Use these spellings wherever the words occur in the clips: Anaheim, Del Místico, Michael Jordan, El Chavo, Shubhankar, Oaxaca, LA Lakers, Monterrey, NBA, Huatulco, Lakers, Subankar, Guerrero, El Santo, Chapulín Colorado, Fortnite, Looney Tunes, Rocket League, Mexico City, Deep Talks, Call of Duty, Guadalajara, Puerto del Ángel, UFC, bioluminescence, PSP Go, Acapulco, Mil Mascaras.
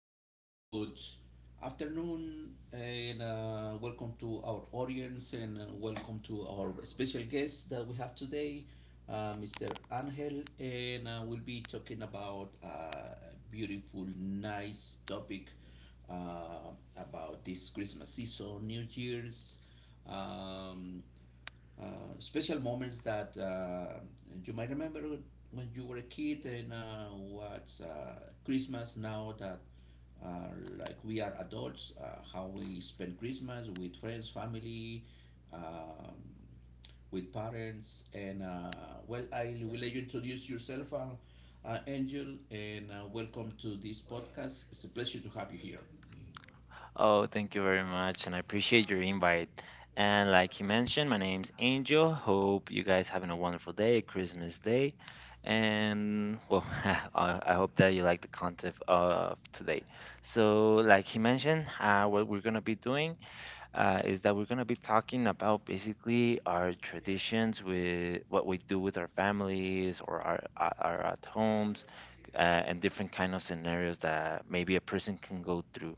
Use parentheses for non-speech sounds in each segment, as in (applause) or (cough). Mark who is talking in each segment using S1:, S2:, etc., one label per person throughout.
S1: Hello, good afternoon, and welcome to our audience, and welcome to our special guest that we have today, Mr. Angel, and we'll be talking about a beautiful, nice topic about this Christmas season, New Year's. Um, uh, Special moments that you might remember when you were a kid, and what's Christmas now that uh, like we are adults, how we spend Christmas with friends, family, um, with parents, and well, I will let you introduce yourself, Angel, and welcome to this podcast. It's a pleasure to have you here.
S2: Oh, thank you very much, and I appreciate your invite. And like you mentioned, my name's Angel. Hope you guys having a wonderful day, Christmas Day, and well, (laughs) I hope that you like the content of today. So, like he mentioned, what we're gonna be doing is that we're gonna be talking about basically our traditions with what we do with our families or our at homes and different kind of scenarios that maybe a person can go through.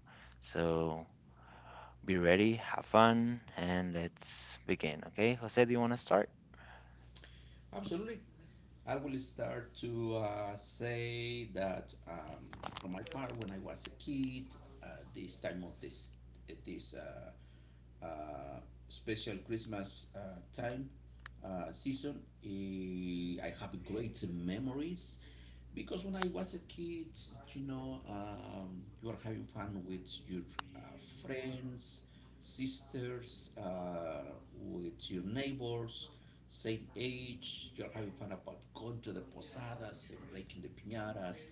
S2: So be ready, have fun, and let's begin. Okay, Jose, do you want to start?
S1: Absolutely. I will start to say that for my part, when I was a kid, uh, this time of this this uh, special Christmas time, season. I have great memories because when I was a kid, you know, you are having fun with your uh, friends, sisters, with your neighbors, same age. You're having fun about going to the posadas and breaking the piñatas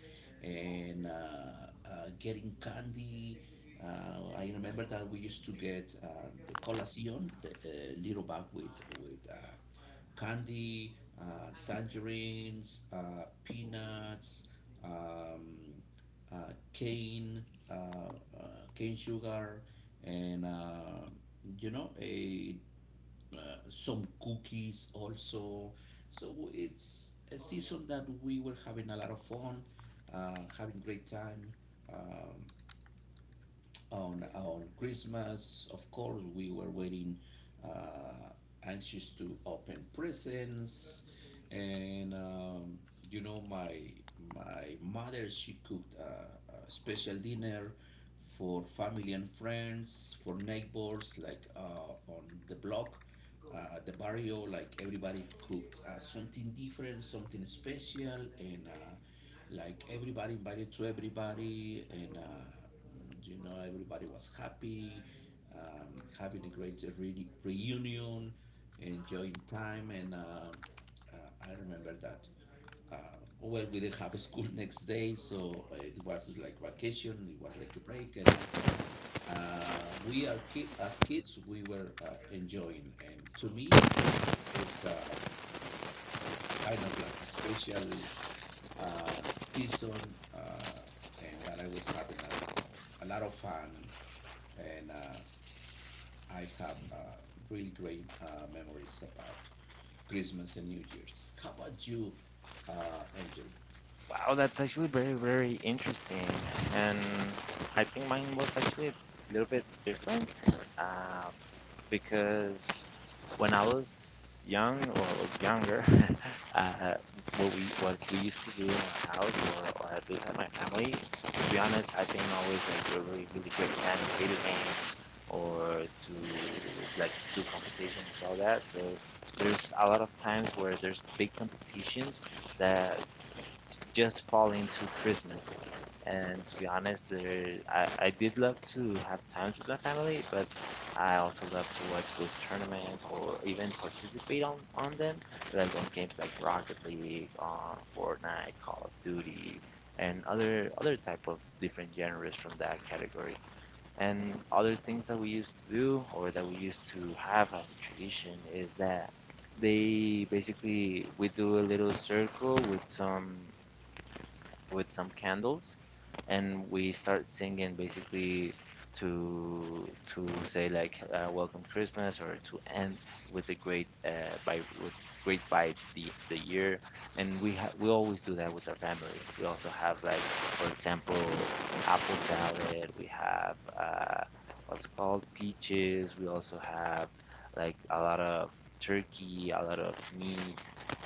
S1: and getting candy. I remember that we used to get the colación, the little bag with candy, tangerines, peanuts, um, cane, uh, uh, cane sugar, and you know a uh, some cookies also. So it's a season that we were having a lot of fun, having great time. Um, on Christmas, of course, we were waiting, uh, anxious to open presents, and you know, my mother she cooked a special dinner for family and friends, for neighbors, like on the block, the barrio, like everybody cooked something different, something special, and like everybody invited to everybody, and you know everybody was happy, having a great reunion, enjoying time, and uh, I remember that uh, well we didn't have a school (laughs) next day, so it was like vacation, it was like a break. And we are as kids we were enjoying, and to me it's kind of like a special season, and that I was having a lot of fun, and I have really great memories about Christmas and New Year's. How about you, Angel?
S2: Wow, that's actually very, very interesting. And I think mine was actually a little bit different uh, because when I was young or younger, (laughs) uh, what we used to do in our house or at least at my family, to be honest, I've been always like a really, really great fan of video games or to like do competitions and all that. So there's a lot of times where there's big competitions that just fall into Christmas. And to be honest, there, I did love to have times with my family, but I also love to watch those tournaments or even participate on them, like on games like Rocket League, Fortnite, Call of Duty, and other type of different genres from that category. And other things that we used to do or that we used to have as a tradition is that they basically we do a little circle with some candles and we start singing basically to to say like welcome Christmas or to end with a great vibe with great vibes the year, and we always do that with our family. We also have, like, for example, apple salad. We have what's called peaches. We also have like a lot of turkey, a lot of meat,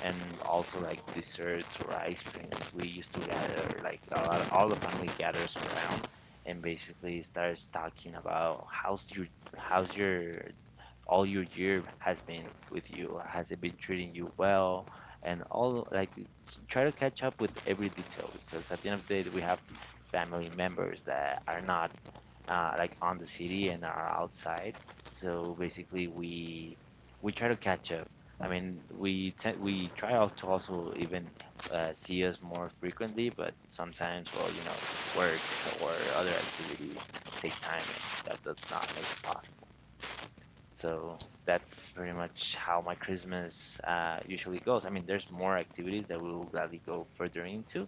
S2: and also like desserts or ice creams. We used to gather like a lot, all the family gathers around and basically starts talking about how's your all your year has been with you. Has it been treating you well? And all like try to catch up with every detail because at the end of the day we have family members that are not like on the city and are outside. So basically we try to catch up. I mean, we try out to also even see us more frequently, but sometimes, well, you know, work or other activities take time, and that does not make it possible. So that's pretty much how my Christmas usually goes. I mean, there's more activities that we will gladly go further into,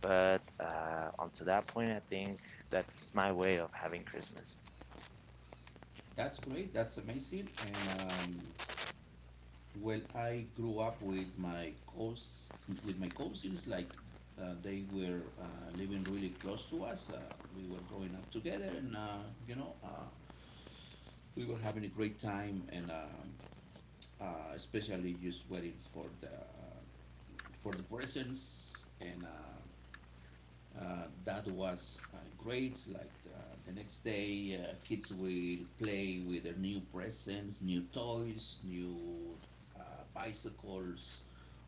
S2: but onto that point, I think that's my way of having Christmas.
S1: That's great. That's amazing. And well, I grew up with my cous with my cousins. Like they were living really close to us. We were growing up together, and you know, we were having a great time. And especially just waiting for the presents, and that was great. Like the next day, kids will play with their new presents, new toys, new bicycles,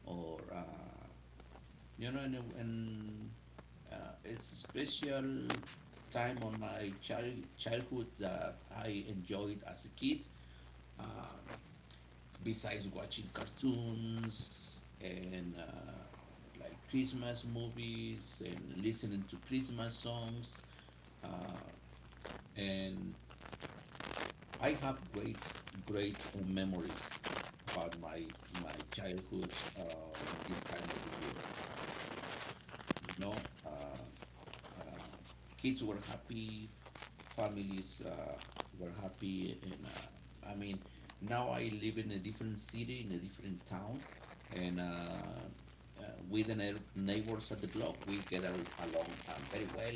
S1: or you know, and it's a special time on my childhood that I enjoyed as a kid. Um, besides watching cartoons and like Christmas movies and listening to Christmas songs. Uh, and I have great, great memories about my childhood on this time of the year. You know, um, kids were happy, families were happy, and I mean, now I live in a different city, in a different town, and with the neighbors at the block, we get along, very well.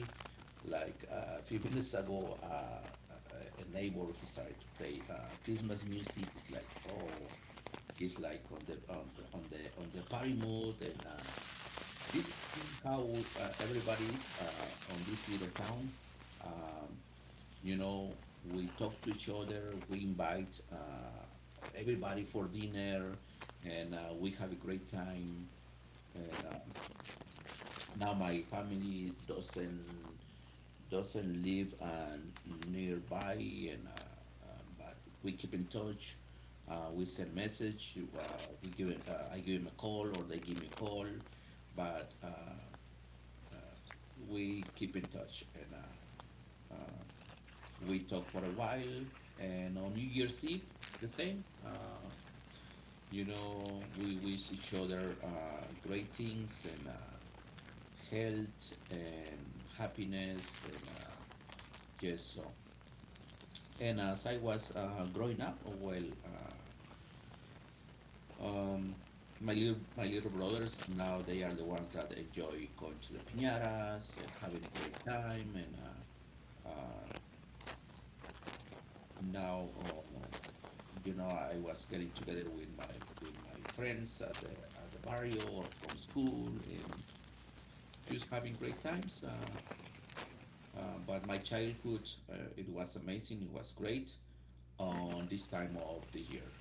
S1: Like a few (laughs) minutes ago, a neighbor he started to play Christmas music. It's like, oh, he's like on the party mode, and this is how everybody is on this little town. Um, you know, we talk to each other. We invite everybody for dinner, and we have a great time. And now my family doesn't live nearby, and but we keep in touch. We send message. We give I give him a call, or they give me a call, but uh, we keep in touch, and uh, we talk for a while. And on New Year's Eve, the same. You know, we wish each other great things and health and happiness and just so. And as I was growing up, well, um, my little brothers now they are the ones that enjoy going to the piñatas and having a great time, and uh, uh, now uh, you know, I was getting together with my friends at the barrio or from school and just having great times. But my childhood, it was amazing. It was great on this time of the year.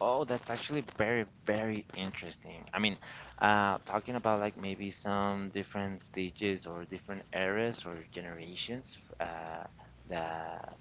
S2: Oh, that's actually very, very interesting. I mean, talking about like maybe some different stages or different eras or generations, the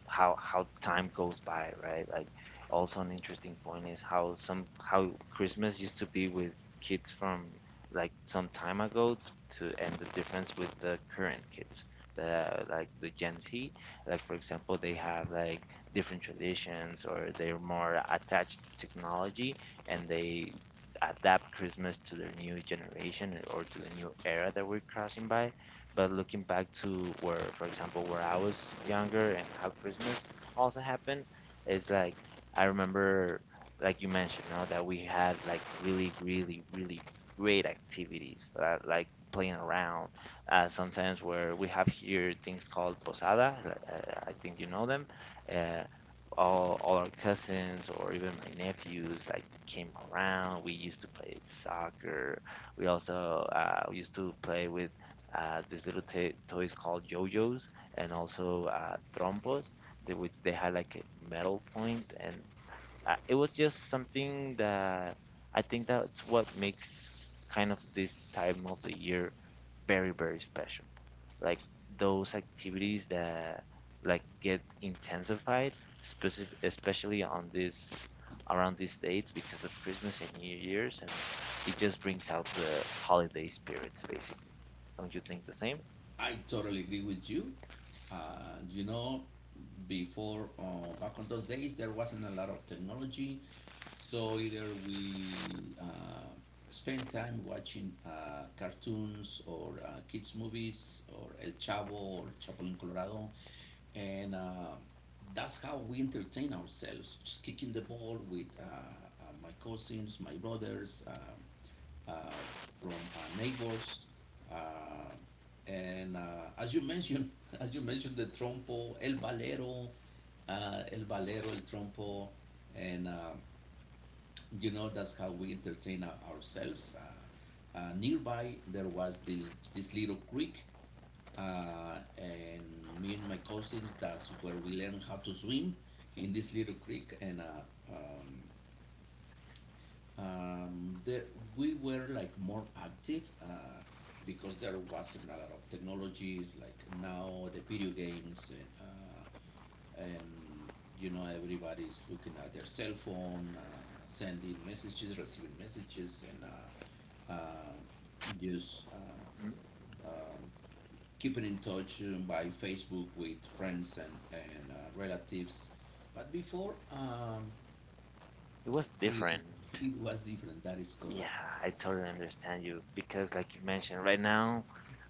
S2: how time goes by, right? Like, also an interesting point is how some how Christmas used to be with kids from like some time ago to and the difference with the current kids, the like the Gen Z. Like for example, they have like different traditions or they're more attached to technology and they adapt Christmas to their new generation or to the new era that we're crossing by. But looking back to where, for example, where I was younger and how Christmas also happened, is like I remember, like you mentioned, no, that we had like really, really, really great activities, like playing around. Sometimes where we have here things called posada, I think you know them uh, all our cousins or even my nephews like came around. We used to play soccer. We also used to play with these little toys called yo-yos and also trompos, they, which they had like a metal point, and it was just something that I think that's what makes kind of this time of the year very, very special. Like those activities that like get intensified, specific, especially on this around these dates because of Christmas and New Year's, and it just brings out the holiday spirits basically. Don't you think the same?
S1: I totally agree with you. You know, before back on those days, there wasn't a lot of technology, so either we spent time watching cartoons or kids movies or El Chavo or Chapulín Colorado, and that's how we entertain ourselves. Just kicking the ball with my cousins, my brothers. Uh, from neighbors. Uh, and as you mentioned, (laughs) as you mentioned, the trompo, el balero, el trompo, and you know that's how we entertain ourselves. Nearby there was this little creek, and me and my cousins that's where we learned how to swim in this little creek, and um, there, we were like more active because there wasn't a lot of technologies like now the video games, and you know everybody's looking at their cell phone sending messages receiving messages, and uh, just
S2: Hmm.
S1: um, keeping in touch by Facebook with friends and, relatives, but before,
S2: It was
S1: it,
S2: different.
S1: it was different, that is
S2: Yeah,
S1: correct.
S2: I totally understand you because, like you mentioned, right now,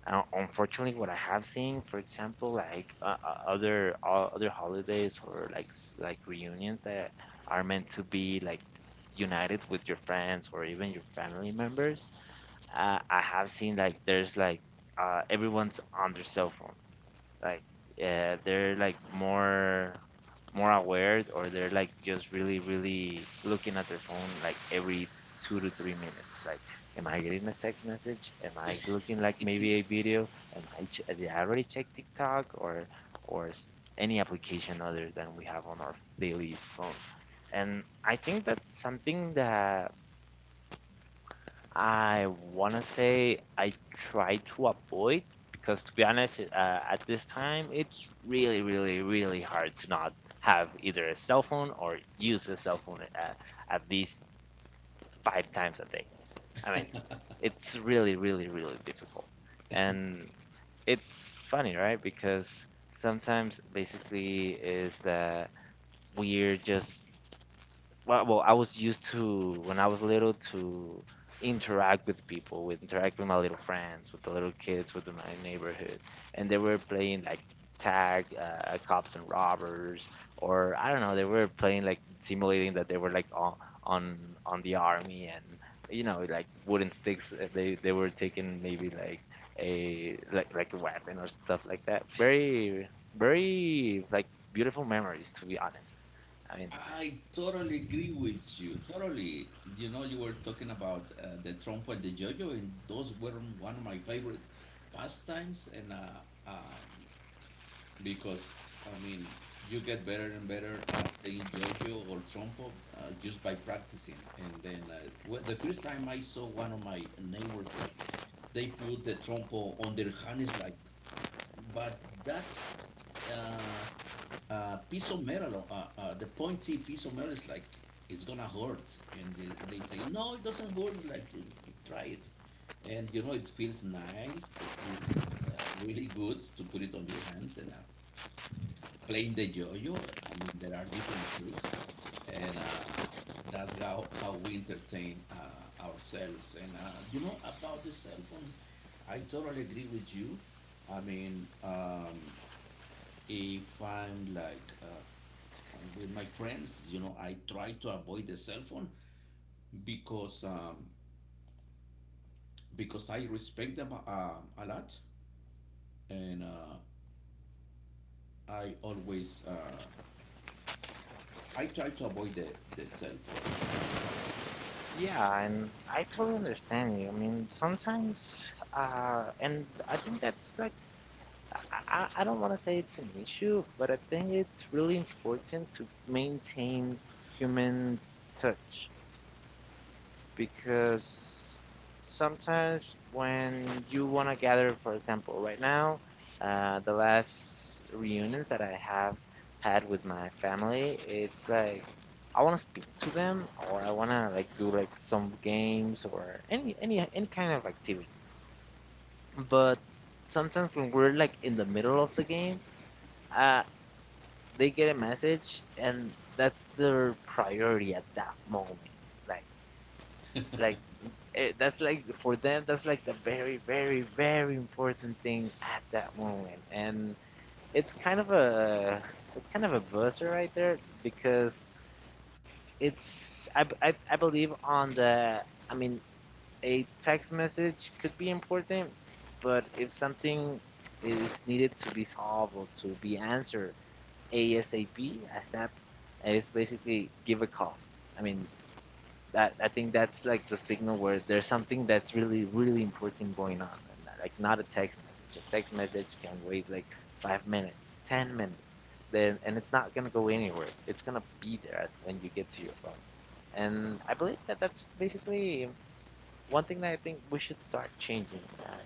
S2: unfortunately, what I have seen, for example, like other other holidays or like like reunions that are meant to be like united with your friends or even your family members, I have seen like there's like everyone's on their cell phone like they're like more aware or they're like just really, really looking at their phone like every 2 to 3 minutes, like, am I getting a text message, am I looking like maybe a video, did I already check TikTok, or or s- any application other than we have on our daily phone. And I think that's something that I wanna say I try to avoid, because to be honest, at this time it's really, really, really hard to not have either a cell phone or use a cell phone at least five times a day. I mean, it's really, really, really difficult. And it's funny, right? Because sometimes basically is that we're just I was used to when I was little to interact with people, with interact with my little friends, with the little kids, with my neighborhood, and they were playing like tag, cops and robbers, or I don't know, they were playing like simulating that they were like on on the army, and you know, like wooden sticks. They were taking maybe like a like like a weapon or stuff like that. Very, very, like, beautiful memories, to be honest. I mean.
S1: I totally agree with you. Totally. You know, you were talking about the trompo and the yo-yo, and those were one of my favorite pastimes. And um, because I mean, you get better and better at playing yo-yo or trompo just by practicing. And then the first time I saw one of my neighbors, like they put the trompo on their hands, like, but that. Uh, piece of metal, the pointy piece of metal is like, it's gonna hurt. And they say, no, it doesn't hurt. It's like, you try it. And you know, it feels nice. It feels really good to put it on your hands. And playing the yo yo, I mean, there are different tricks. And that's how we entertain ourselves. And you know, about the cell phone, I totally agree with you. I mean, if I'm like with my friends you know I try to avoid the cell phone because um, because I respect them a lot, and I always I try to avoid the cell phone.
S2: Yeah, and I totally understand you. I mean, sometimes, and I think that's like, I, I don't want to say it's an issue, but I think it's really important to maintain human touch, because sometimes when you want to gather, for example, right now, the last reunions that I have had with my family, it's like I want to speak to them, or I want to like do like some games or any any kind of activity. But sometimes when we're like in the middle of the game, uh, they get a message, and that's their priority at that moment. Like like it, that's like for them that's like the very, very, very important thing at that moment. And it's kind of a it's kind of a buzzer right there because it's I believe on the, I mean, a text message could be important, but if something is needed to be solved or to be answered, ASAP, ASAP, is basically give a call. I mean, that I think that's like the signal where there's something that's really, really important going on, and like not a text message. A text message can wait like 5 minutes, 10 minutes, then, and it's not gonna go anywhere. It's gonna be there when you get to your phone, and I believe that that's basically one thing that I think we should start changing that.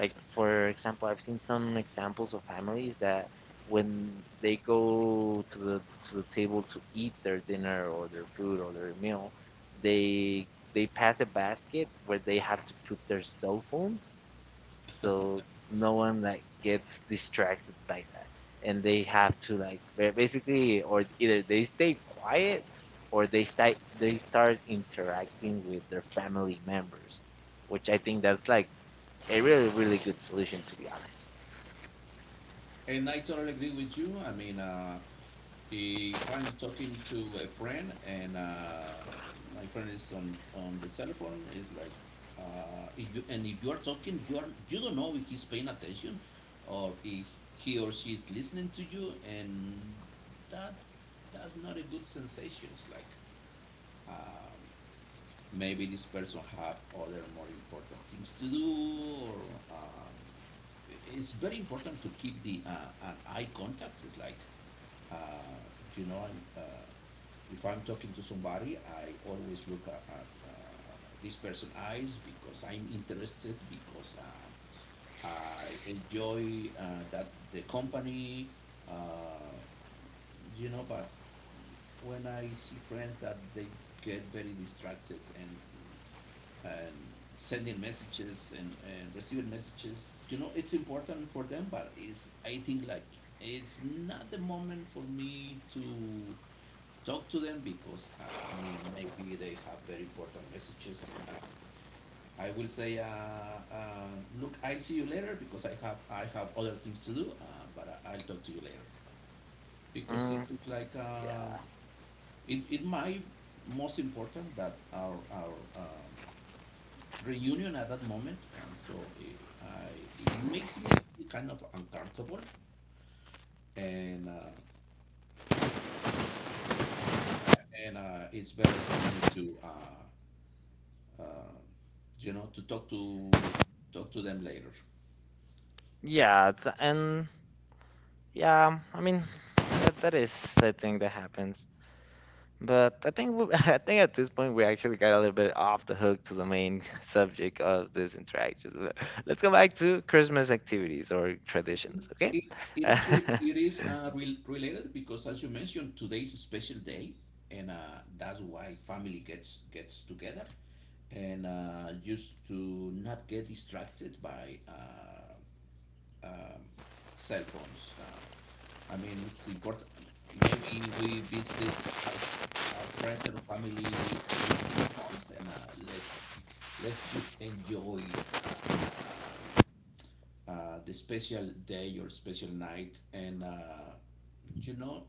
S2: Like for example, I've seen some examples of families that when they go to the table to eat their dinner or their food or their meal, they they pass a basket where they have to put their cell phones, so no one like gets distracted by that, and they have to like basically or either they stay quiet or they start interacting with their family members, which I think that's like a really, really good solution, to be honest.
S1: (laughs) And I totally agree with you I mean if I'm talking to a friend, and my friend is on the cell phone, it's like, if you, and if you are talking, you are you don't know if he's paying attention, or if he or she is listening to you, and that that's not a good sensation. It's like um, maybe this person have other more important things to do, or it's very important to keep the an eye contact. It's like uh, you know, I'm if I'm talking to somebody, I always look at this person's eyes because I'm interested, because I enjoy that the company, uh, you know. But when I see friends that they get very distracted and and sending messages and receiving messages, you know, it's important for them, but it's I think like it's not the moment for me to talk to them because I mean maybe they have very important messages, and I will say look I'll see you later because I have other things to do, but I'll talk to you later because it
S2: Mm,
S1: looks like
S2: yeah.
S1: it might most important that our reunion at that moment, and so it makes me feel kind of uncomfortable, and it's better for me to uh, you know, to talk to them later.
S2: Yeah, it's, and yeah, I mean that, that is a thing that happens. But I think we, (laughs) I think at this point we actually got a little bit off the hook to the main (laughs) subject of this interaction. Let's go back to Christmas activities or traditions, okay?
S1: It, it is
S2: (laughs)
S1: it is related because, as you mentioned, today is a special day, and that's why family gets together, and used to not get distracted by um, cell phones. I mean, it's important. Maybe we visit our friends and family every 6 months, and let's just enjoy uh, uh, the special day or special night, and you know,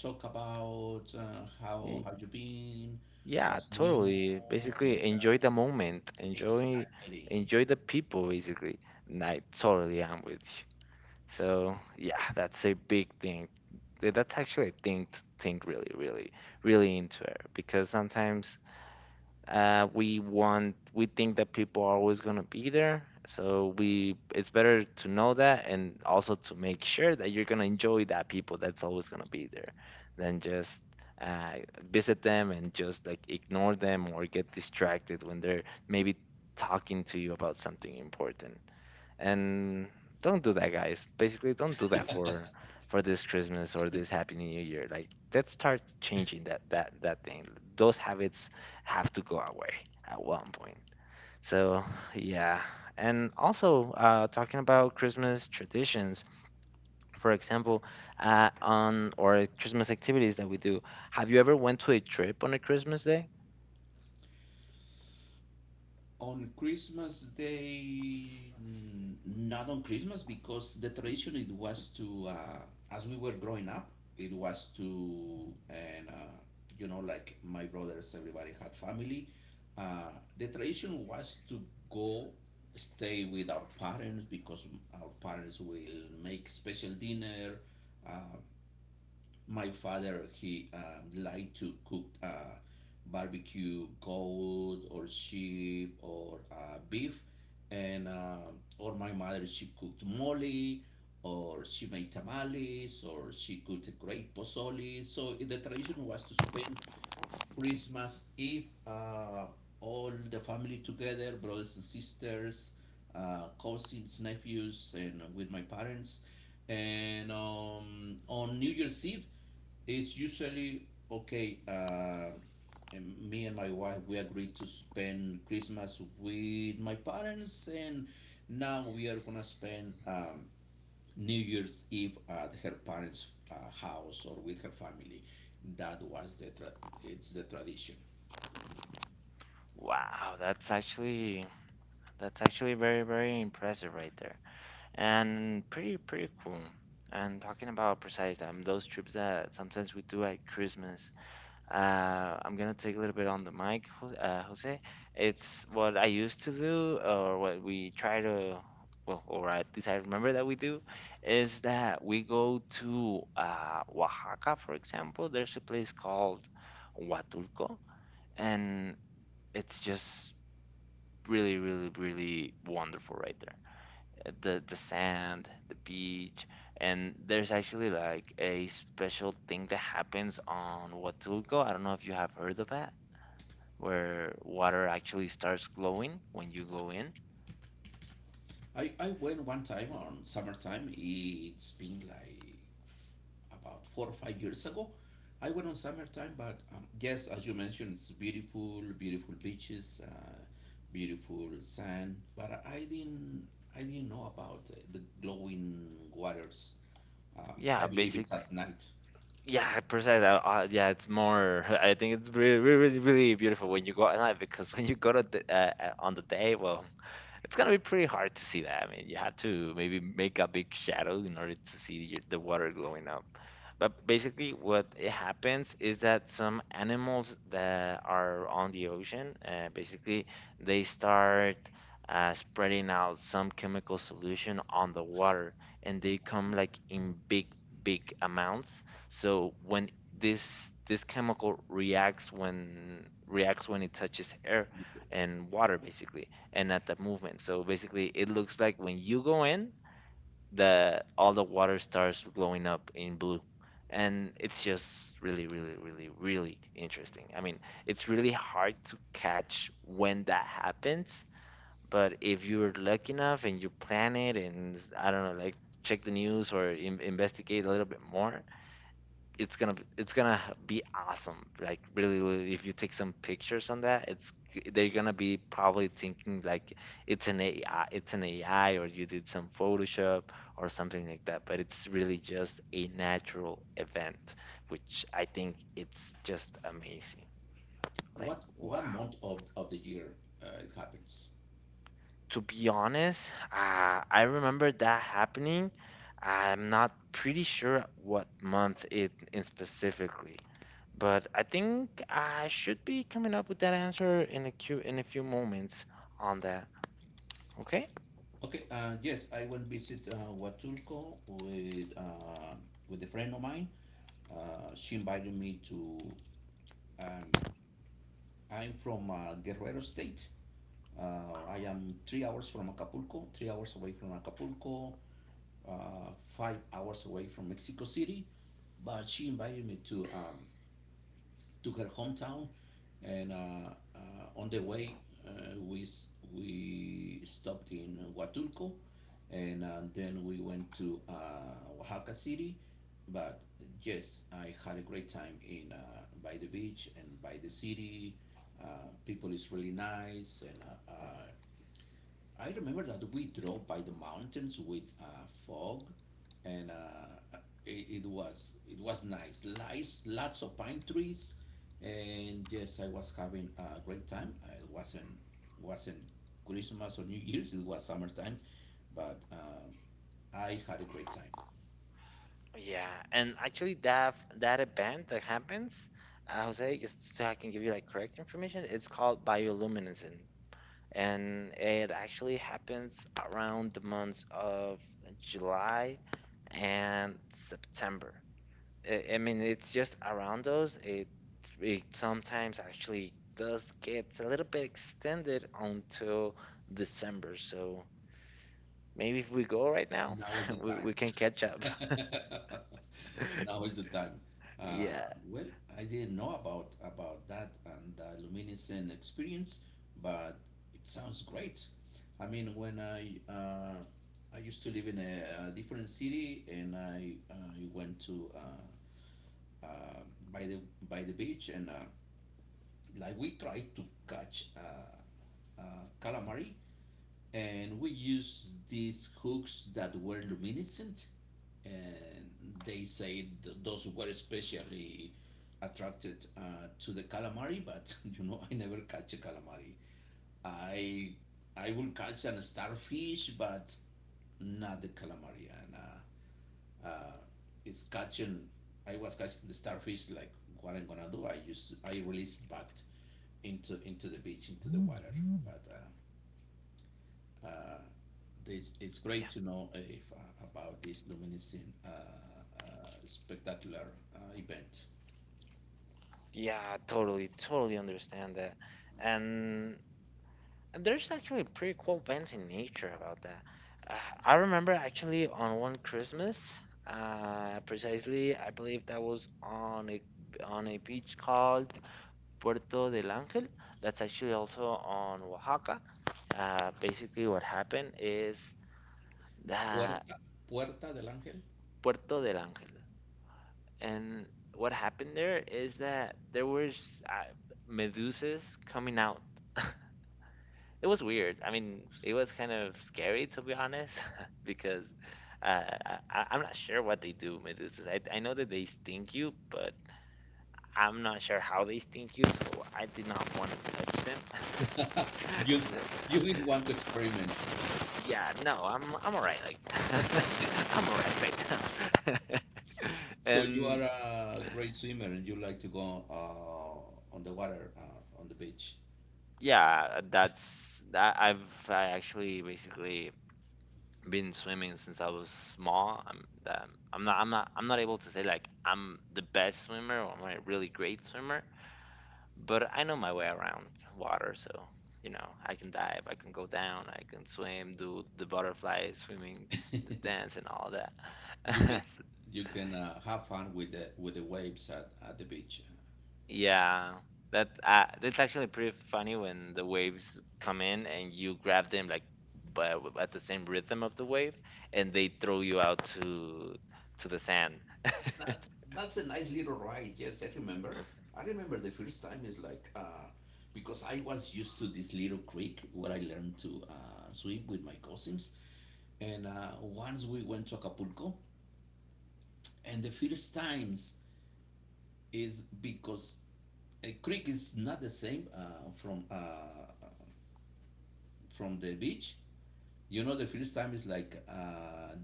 S1: talk about
S2: Y-
S1: how you been,
S2: Yeah,
S1: what's new,
S2: totally. Basically,
S1: and
S2: enjoy the moment.
S1: exactly.
S2: Enjoy the people basically. And I totally am with you. So, yeah, that's a big thing. That's actually a thing to think really, really, really into it because sometimes, we think that people are always gonna be there, so we it's better to know that and also to make sure that you're gonna enjoy that people that's always gonna be there, than just uh, visit them and just like ignore them or get distracted when they're maybe talking to you about something important. And don't do that, guys. Basically, don't do that for this Christmas or this Happy New Year. Like, let's start changing that thing. Those habits have to go away at one point. So, yeah. And also, talking about Christmas traditions, for example, on or Christmas activities that we do. Have you ever went to a trip on a Christmas day?
S1: On Christmas Day, not on Christmas, because the tradition it was to, as we were growing up, it was to, and you know, like my brothers, everybody had family. Uh, the tradition was to go stay with our parents because our parents will make special dinner. Uh, my father, he liked to cook barbecue goat or sheep or beef, and or my mother, she cooked mole, or she made tamales, or she cooked a great pozole. So the tradition was to spend Christmas Eve, all the family together, brothers and sisters, cousins, nephews, and with my parents. And on New Year's Eve, it's usually okay. And me and my wife, we agreed to spend Christmas with my parents, and now we are gonna spend New Year's Eve at her parents' house or with her family. That was the tra- It's the tradition.
S2: Wow, that's actually very, very impressive right there, and pretty cool. And talking about precise, those trips that sometimes we do at Christmas, I'm gonna take a little bit on the mic, Jose. It's what I used to do, or what we try to, well, or at least I remember that we do, is that we go to Oaxaca, for example. There's a place called Huatulco, and it's just really, really, really wonderful right there. The sand, the beach, and there's actually like a special thing that happens on Huatulco. I don't know if you have heard of that, where water actually starts glowing when you go in.
S1: I went one time on summertime. It's been like about 4 or 5 years ago. I went on summertime, but yes, as you mentioned, it's beautiful, beautiful beaches, beautiful sand. But I didn't know about the glowing waters. I
S2: Yeah,
S1: believe it's
S2: basically.
S1: at night.
S2: Yeah, precisely. Yeah, it's more. (laughs) I think it's really, really, really beautiful when you go at night, because when you go to the, on the day, well, it's gonna be pretty hard to see that. I mean, you have to maybe make a big shadow in order to see the water glowing up. But basically, what it happens is that some animals that are on the ocean, basically, they start spreading out some chemical solution on the water, and they come like in big, big amounts. So when this chemical reacts when it touches air and water, basically, and at the movement. So basically, it looks like when you go in, that all the water starts glowing up in blue. And it's just really, really, really, really interesting. I mean, it's really hard to catch when that happens, but if you're lucky enough and you plan it, and I don't know, like check the news or in investigate a little bit more, it's gonna be awesome. Like, really, really, if you take some pictures on that, it's they're gonna be probably thinking like it's an AI, it's an AI, or you did some Photoshop or something like that. But it's really just a natural event, which I think it's just amazing. Like,
S1: What
S2: wow.
S1: one month of the year it happens?
S2: To be honest, I remember that happening. I'm not pretty sure what month it in specifically. But I think I should be coming up with that answer in a few moments on that. Okay?
S1: Okay. Yes, I went visit Huatulco with a friend of mine. She invited me to. Um, I'm from Guerrero State. I am 3 hours from Acapulco, 3 hours away from Acapulco, 5 hours away from Mexico City. But she invited me to her hometown, and on the way uh, we we stopped in Huatulco, and then we went to Oaxaca City. But yes, I had a great time in by the beach and by the city. People is really nice, and I remember that we drove by the mountains with fog, and it was nice. Lies, lots of pine trees, and yes, I was having a great time. It wasn't Christmas or New Year's. It was summertime, but I had a great time.
S2: Yeah, and actually that event that happens, Jose, just so I can give you like correct information, it's called bioluminescence, and it actually happens around the months of July and September. I mean, it's just around us. It sometimes actually does gets a little bit extended until December. So maybe if we go right now,
S1: Now is the
S2: (laughs) we
S1: time.
S2: we can catch up.
S1: (laughs)
S2: (laughs)
S1: Now is the time.
S2: Yeah,
S1: Well, I didn't know about that and the luminescent experience, but it sounds great. I mean, when I used to live in a different city, and I went to uh, by the by the beach, and like we tried to catch calamari, and we used these hooks that were luminescent, and they say those were especially attracted to the calamari. But (laughs) you know, I never catch a calamari. I I will catch an starfish, but not the calamari. And uh, it's catching. I was catching the starfish. Like what I'm gonna do? I used to, I released back into the beach into the water, but. Uh, uh, it's great
S2: yeah,
S1: to know if, about this luminescent spectacular event.
S2: yeah. Totally, totally understand that. And there's actually pretty cool events in nature about that. Uh, I remember actually on one Christmas, precisely. I believe that was on a beach called Puerto del Ángel. That's actually also on Oaxaca. Basically, what happened is the
S1: Puerta, Puerta del Ángel.
S2: Puerto del Ángel, and what happened there is that there was medusas coming out. (laughs) It was weird. I mean, it was kind of scary to be honest, (laughs) because I'm not sure what they do, medusas. I know that they sting you, but I'm not sure how they sting you, so I did not want to touch them. (laughs)
S1: (laughs) you, you didn't want
S2: So,
S1: to experiment.
S2: yeah, no, I'm alright. Like, (laughs) I'm alright right now. (laughs)
S1: So you are
S2: And
S1: a great swimmer and you like to go on the water, on the beach.
S2: yeah, that's that. I actually basically been swimming since I was small. I'm not able to say like I'm the best swimmer or I'm a really great swimmer, but I know my way around water. So, you know, I can dive, I can go down, I can swim, do the butterfly swimming,
S1: (laughs) you
S2: the dance, and all that.
S1: can
S2: (laughs)
S1: you can have fun with the waves at the beach.
S2: Yeah, that's actually pretty funny when the waves come in and you grab them like but at the same rhythm of the wave, and they throw you out to the sand. (laughs)
S1: That's a nice little ride. Yes, I remember. I remember the first time is like because I was used to this little creek where I learned to swim with my cousins, and once we went to Acapulco, and the first times is because a creek is not the same from the beach. You know, the first time is like uh,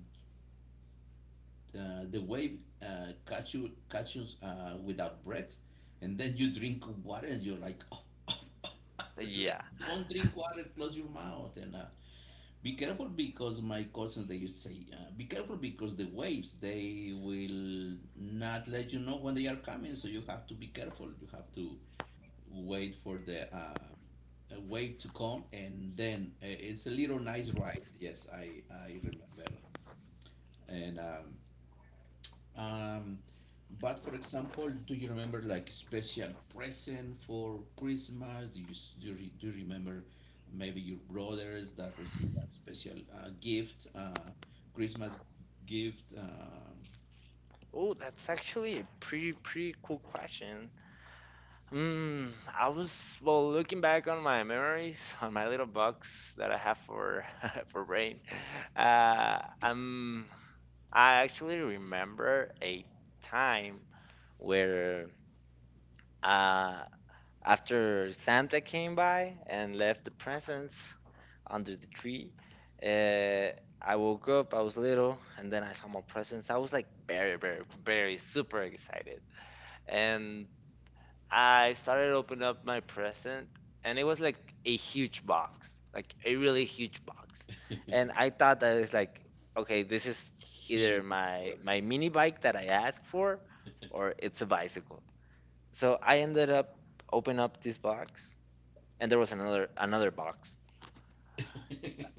S1: uh, the wave catch you without breath, and then you drink water and you're like, (laughs) "Oh, oh, oh, oh. It's like
S2: Yeah.
S1: don't drink water, close your mouth, and be careful because my cousins they used to say, be careful because the waves they will not let you know when they are coming, so you have to be careful. You have to wait for the. A wave to come, and then it's a little nice ride. Yes, I remember, and um, but for example, do you remember like special present for Christmas? Do you remember maybe your brothers that receive a special gift, Christmas gift?
S2: Oh, that's actually a pretty cool question. Hmm, I was well looking back on my memories on my little box that I have for (laughs) for brain. Uh, um, I actually remember a time where Uh, after Santa came by and left the presents under the tree, uh, I woke up. I was little, and then I saw my presents. I was like very, very, very super excited, and I started opening up my present, and it was like a huge box, like a really huge box, and
S1: (laughs)
S2: I thought that it's like, okay, this is either
S1: Huge
S2: my
S1: present.
S2: mini bike that I asked for, or it's a bicycle. So I ended up opening up this box, and there was another box.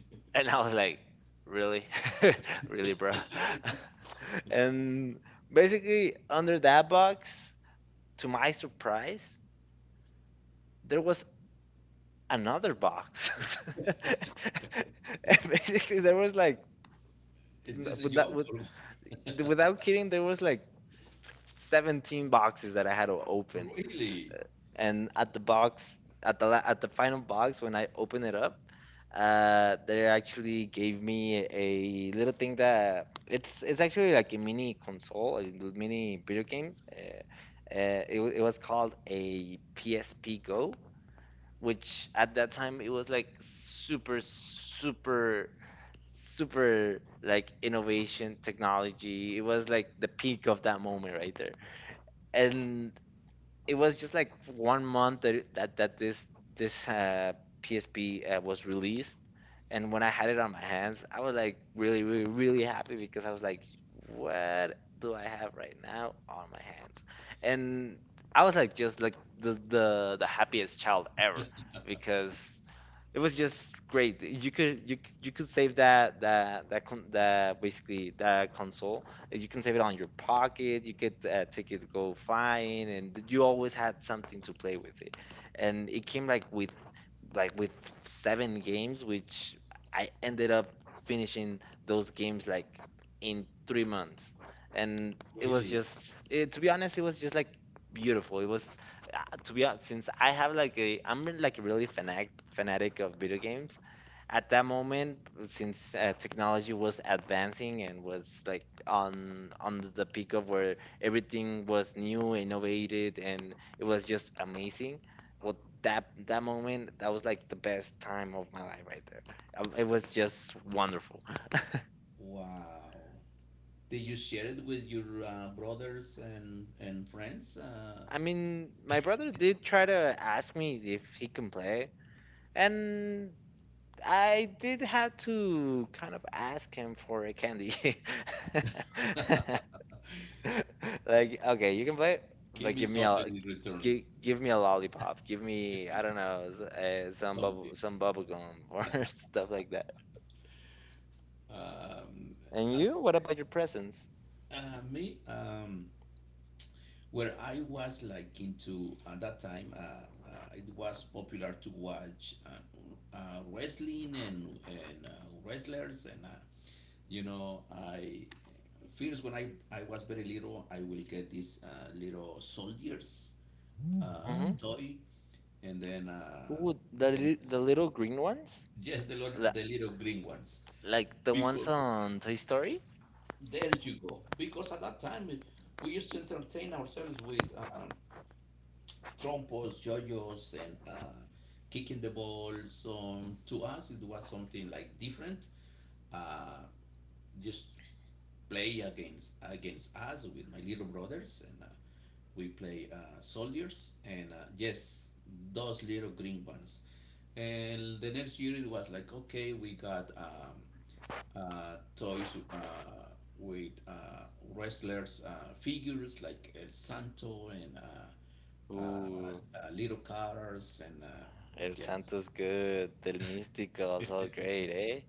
S2: (laughs) And I was like, really, (laughs) really, bro. (laughs) And basically, under that box, to my surprise, there was another box. (laughs) And basically, there was like,
S1: Is
S2: n-
S1: this a
S2: with
S1: joke
S2: with,
S1: or what?
S2: without kidding, there was like 17 boxes that I had to open.
S1: (laughs) Really,
S2: Uh, And at the box, at the final box, when I opened it up, they actually gave me a little thing that it's actually like a mini console, a little mini video game. It was called a PSP Go, which at that time it was like super, super, super like innovation technology. It was like the peak of that moment right there. And it was just like 1 month that this PSP was released. And when I had it on my hands, I was like really, really, really happy because I was like, what do I have right now on my hands? And I was like just like the happiest child ever, because it was just great. You could save that console. You can save it on your pocket. You could take it to go flying, and you always had something to play with it. And it came like with like with seven games, which I ended up finishing those games like in 3 months. And it was
S1: really?
S2: just, it, to be honest, it was just like beautiful. It was, uh, to be honest, since I have like a, I'm like really fanatic of video games. At that moment, since technology was advancing and was like on the peak of where everything was new, innovated, and it was just amazing. Well, that moment, that was like the best time of my life right there. It was just wonderful.
S1: Wow. Did you share it with your brothers and friends?
S2: (laughs) I mean, my brother did try to ask me if he can play, and I did have to kind of ask him for a candy. (laughs) Like, okay, you can play,
S1: Give
S2: but
S1: me
S2: give me
S1: something in return.
S2: give me a lollipop, give me, I don't know, some
S1: Something.
S2: bubble gum, (laughs) or stuff like that.
S1: Um,
S2: And
S1: how you
S2: you, what
S1: say?
S2: about your presents?
S1: Me, where I was like into at that time, it was popular to watch wrestling and wrestlers, and you know, I first when I was very little, I will get these little soldiers
S2: Mm-hmm.
S1: toy. And then
S2: Ooh,
S1: the next,
S2: the little green ones.
S1: (laughs) just
S2: La-
S1: the little green ones
S2: like the ones
S1: because
S2: on Toy Story.
S1: There you go. Because at that time, we used to entertain ourselves with trompos, jojos, and kicking the balls. So to us, it was something like different. Uh, just play against us with my little brothers, and we play soldiers, and yes, those little green ones. And the next year, it was like, okay, we got toys with wrestlers figures like El Santo, and
S2: Ooh,
S1: little cars, and
S2: El
S1: yes,
S2: Santo's good. Del Místico's all great, eh?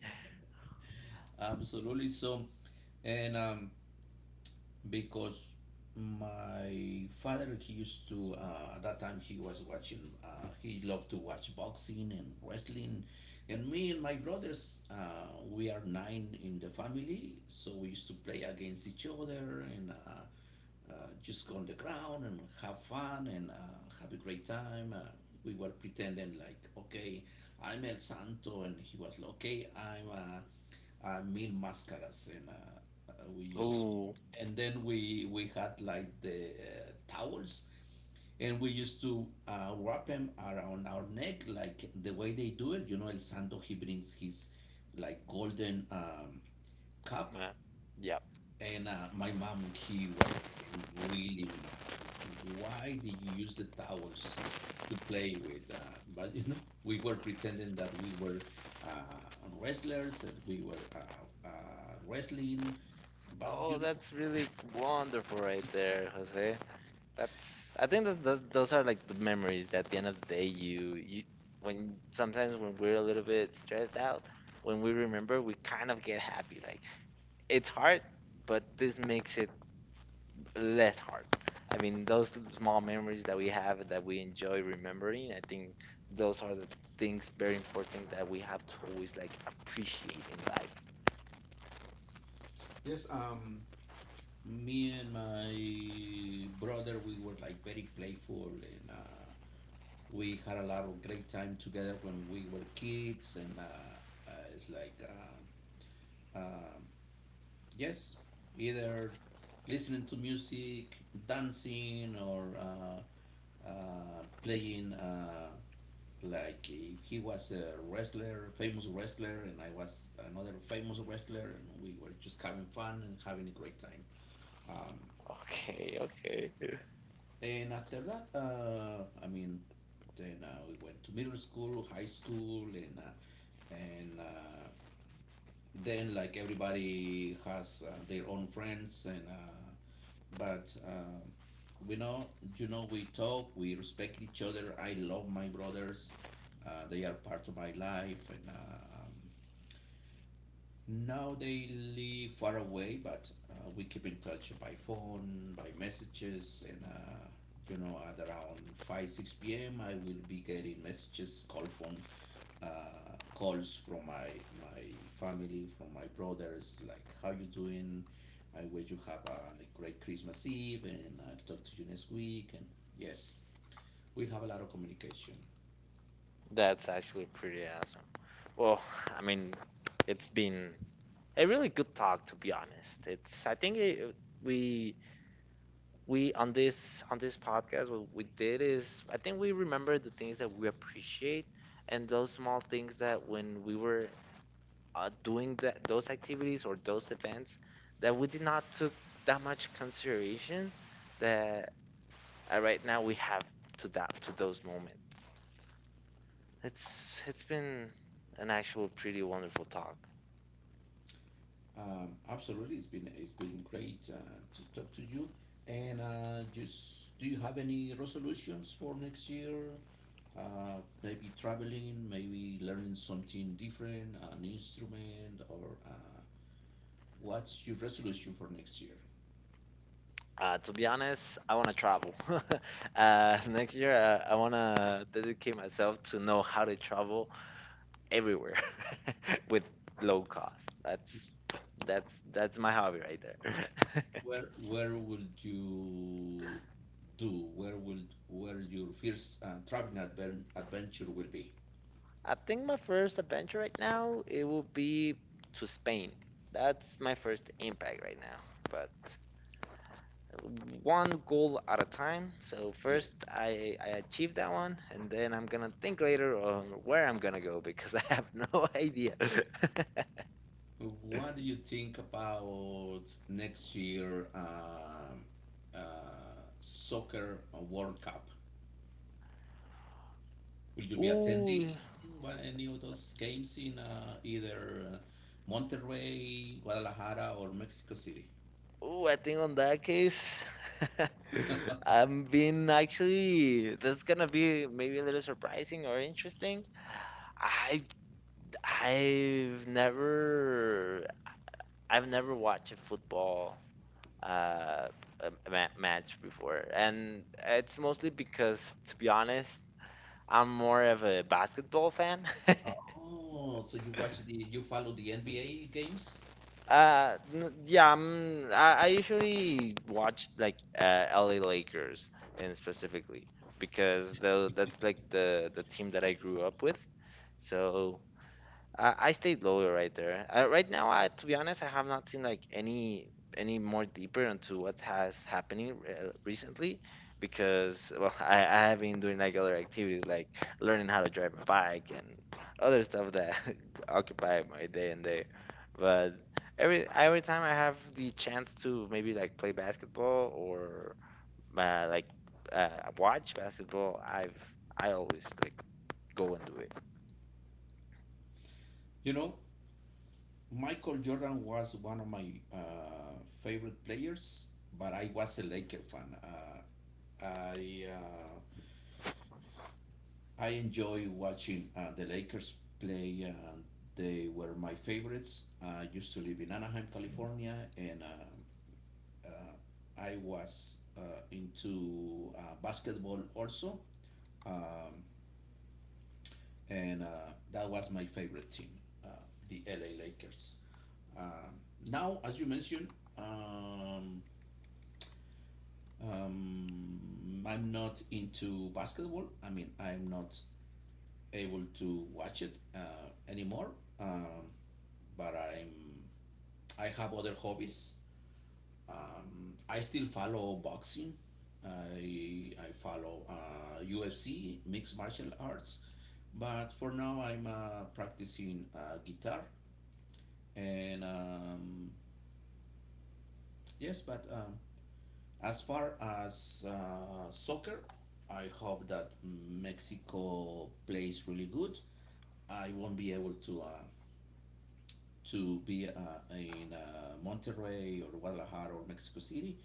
S1: absolutely. So, and because my father, he used to at that time he was watching he loved to watch boxing and wrestling. And me and my brothers, we are nine in the family, so we used to play against each other, and just go on the ground and have fun, and have a great time. We were pretending like, okay, I'm El Santo, and he was like, okay, I'm Mil Mascaras, and we used
S2: Ooh,
S1: and then we had like the towels, and we used to wrap them around our neck like the way they do it. You know, El Santo, he brings his like golden cup.
S2: man. Yeah.
S1: And my mom, he was getting really mad, is why did you use the towels to play with. But you know, we were pretending that we were wrestlers, and we were wrestling, but you
S2: Oh,
S1: know.
S2: that's really wonderful right there, Jose. That's, I think that th those are like the memories that at the end of the day you you when sometimes, when we're a little bit stressed out, when we remember, we kind of get happy. Like, it's hard, but this makes it less hard. I mean, those small memories that we have that we enjoy remembering, I think those are the things very important that we have to always like appreciate in life.
S1: Yes, me and my brother, we were like very playful, and we had a lot of great time together when we were kids, and it's like uh, yes, either listening to music, dancing, or playing, like if he was a wrestler famous wrestler, and I was another famous wrestler, and we were just having fun and having a great time. um,
S2: Okay, okay. (laughs)
S1: And after that, I mean, then we went to middle school, high school, and and uh, then like everybody has their own friends, and but we know, you know, we talk, we respect each other. I love my brothers; they are part of my life, and now they live far away, but we keep in touch by phone, by messages, and you know, at around 5 6 p.m., I will be getting messages, call phones, calls from my family, from my brothers, like how you doing? I wish you have a great Christmas Eve, and I'll talk to you next week. And yes, we have a lot of communication.
S2: That's actually pretty awesome. Well, I mean, it's been a really good talk to be honest. It's I think we we on this podcast, what we did is, I think, we remember the things that we appreciate, and those small things that when we were doing that, those activities or those events that we did not took that much consideration, that right now we have to, that to those moments. It's been an actual pretty wonderful talk.
S1: Absolutely, it's been great to talk to you. And just do you have any resolutions for next year? Maybe traveling, maybe learning something different, an instrument, or what's your resolution for next year?
S2: To be honest, I want to travel. (laughs) Next year, I want to dedicate myself to know how to travel everywhere (laughs) with low cost. That's
S1: Uh,
S2: my hobby right there. (laughs)
S1: where will you do? Where your first traveling adventure will be?
S2: I think my first adventure right now it will be to Spain. That's my first impact right now. But one goal at a time. So first
S1: Yes.
S2: I achieve that one, and then I'm gonna think later on where I'm gonna go, because (laughs) I have no (laughs) idea. (laughs)
S1: What do you think about next year soccer World Cup? Will you be
S2: Ooh,
S1: attending any of those games in either Monterrey, Guadalajara, or Mexico City?
S2: ooh, I think on that case, (laughs) I'm being actually, this is gonna be maybe a little surprising or interesting. I I've never watched a football uh, match before, and it's mostly because, to be honest, I'm more of a basketball fan. (laughs)
S1: Oh, so you watch the you follow the NBA games?
S2: Yeah, I usually watch like LA Lakers, and specifically because that's like the team that I grew up with. So I stayed loyal right there. Right now, I, to be honest, I have not seen like any more deeper into what has happening recently, because well, (laughs) I have been doing like other activities like learning how to drive my bike and other stuff that (laughs) occupy my day and day. But every time I have the chance to maybe like play basketball or uh, like uh, watch basketball, I always like go and do it.
S1: You know, Michael Jordan was one of my favorite players, but I was a Laker fan. I uh, I enjoy watching the Lakers play. They were my favorites. I used to live in Anaheim, California, and I was into basketball also. Um, and that was my favorite team, uh, the LA Lakers. Um, Now, as you mentioned, um, I'm not into basketball. I mean, I'm not able to watch it anymore. Um, but I have other hobbies. I still follow boxing. I follow UFC, mixed martial arts. But for now, I'm practicing guitar. And yes, but as far as soccer, I hope that Mexico plays really good. I won't be able to be in Monterrey or Guadalajara or Mexico City,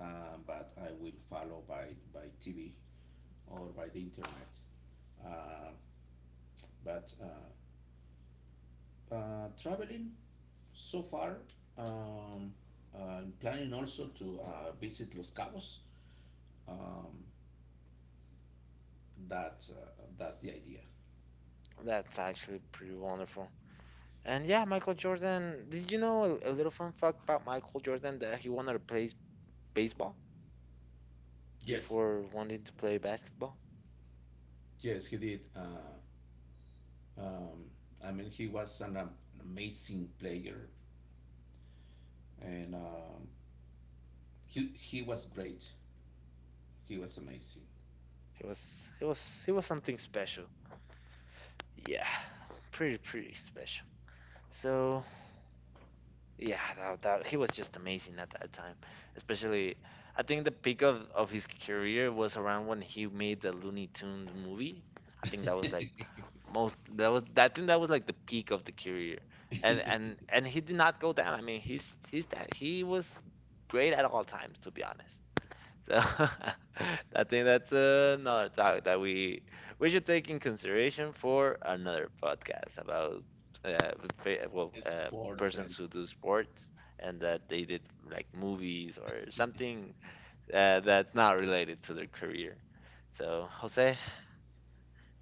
S1: but I will follow by TV or by the internet. Um but traveling so far, um, planning also to visit Los Cabos. Um, that's the idea.
S2: That's actually pretty wonderful. And yeah, Michael Jordan. Did you know a little fun fact about Michael Jordan that he wanted to play baseball
S1: Yes,
S2: before wanting to play basketball?
S1: yes, he did. Um, I mean, he was an amazing player, and he was great. He was amazing.
S2: He was he was something special. Yeah, pretty special. So yeah, that he was just amazing at that time. Especially, I think the peak of his career was around when he made the Looney Tunes movie. I think that
S1: (laughs)
S2: was like most that was I think that was like the peak of the career. And he did not go down. I mean, he was great at all times to be honest. So, (laughs) I think that's another talk that we should take in consideration for another podcast about uh, fa- well uh,
S1: Sports
S2: persons
S1: and
S2: who do sports and that they did like movies or something that's not related to their career. So, Jose,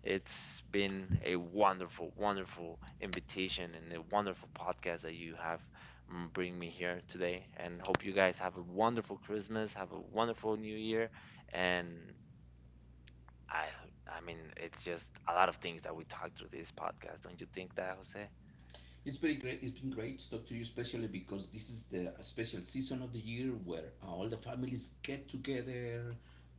S2: it's been a wonderful, wonderful invitation and a wonderful podcast that you have bring me here today. And hope you guys have a wonderful Christmas, have a wonderful New Year, and I, I mean, it's just a lot of things that we talked through this podcast. Don't you think that, Jose?
S1: it's very great. It's been great to talk to you, especially because this is the special season of the year where all the families get together.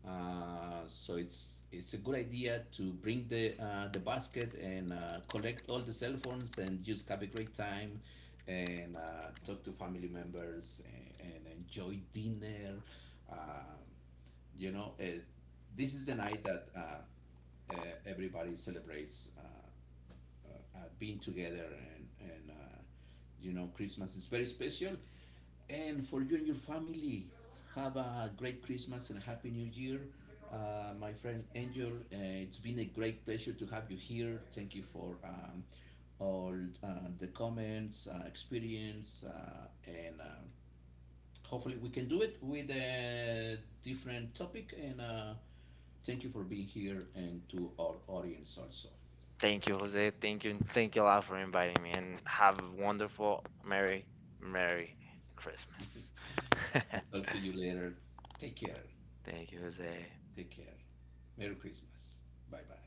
S1: So it's a good idea to bring the basket, and collect all the cell phones and just have a great time, and talk to family members, and enjoy dinner. Uh, you know, this is the night that uh, everybody celebrates being together, and you know, Christmas is very special. And for you and your family, have a great Christmas and happy New Year. My friend Angel, it's been a great pleasure to have you here. Thank you for all uh, the comments, experience, and hopefully we can do it with a different topic. And thank you for being here and to our audience also.
S2: Thank you, Jose. Thank you a lot for inviting me, and have a wonderful, merry, merry
S1: (laughs)
S2: Christmas. (laughs)
S1: I'll talk to you later. Take care.
S2: Thank you, Jose.
S1: Take care. Merry Christmas. Bye bye.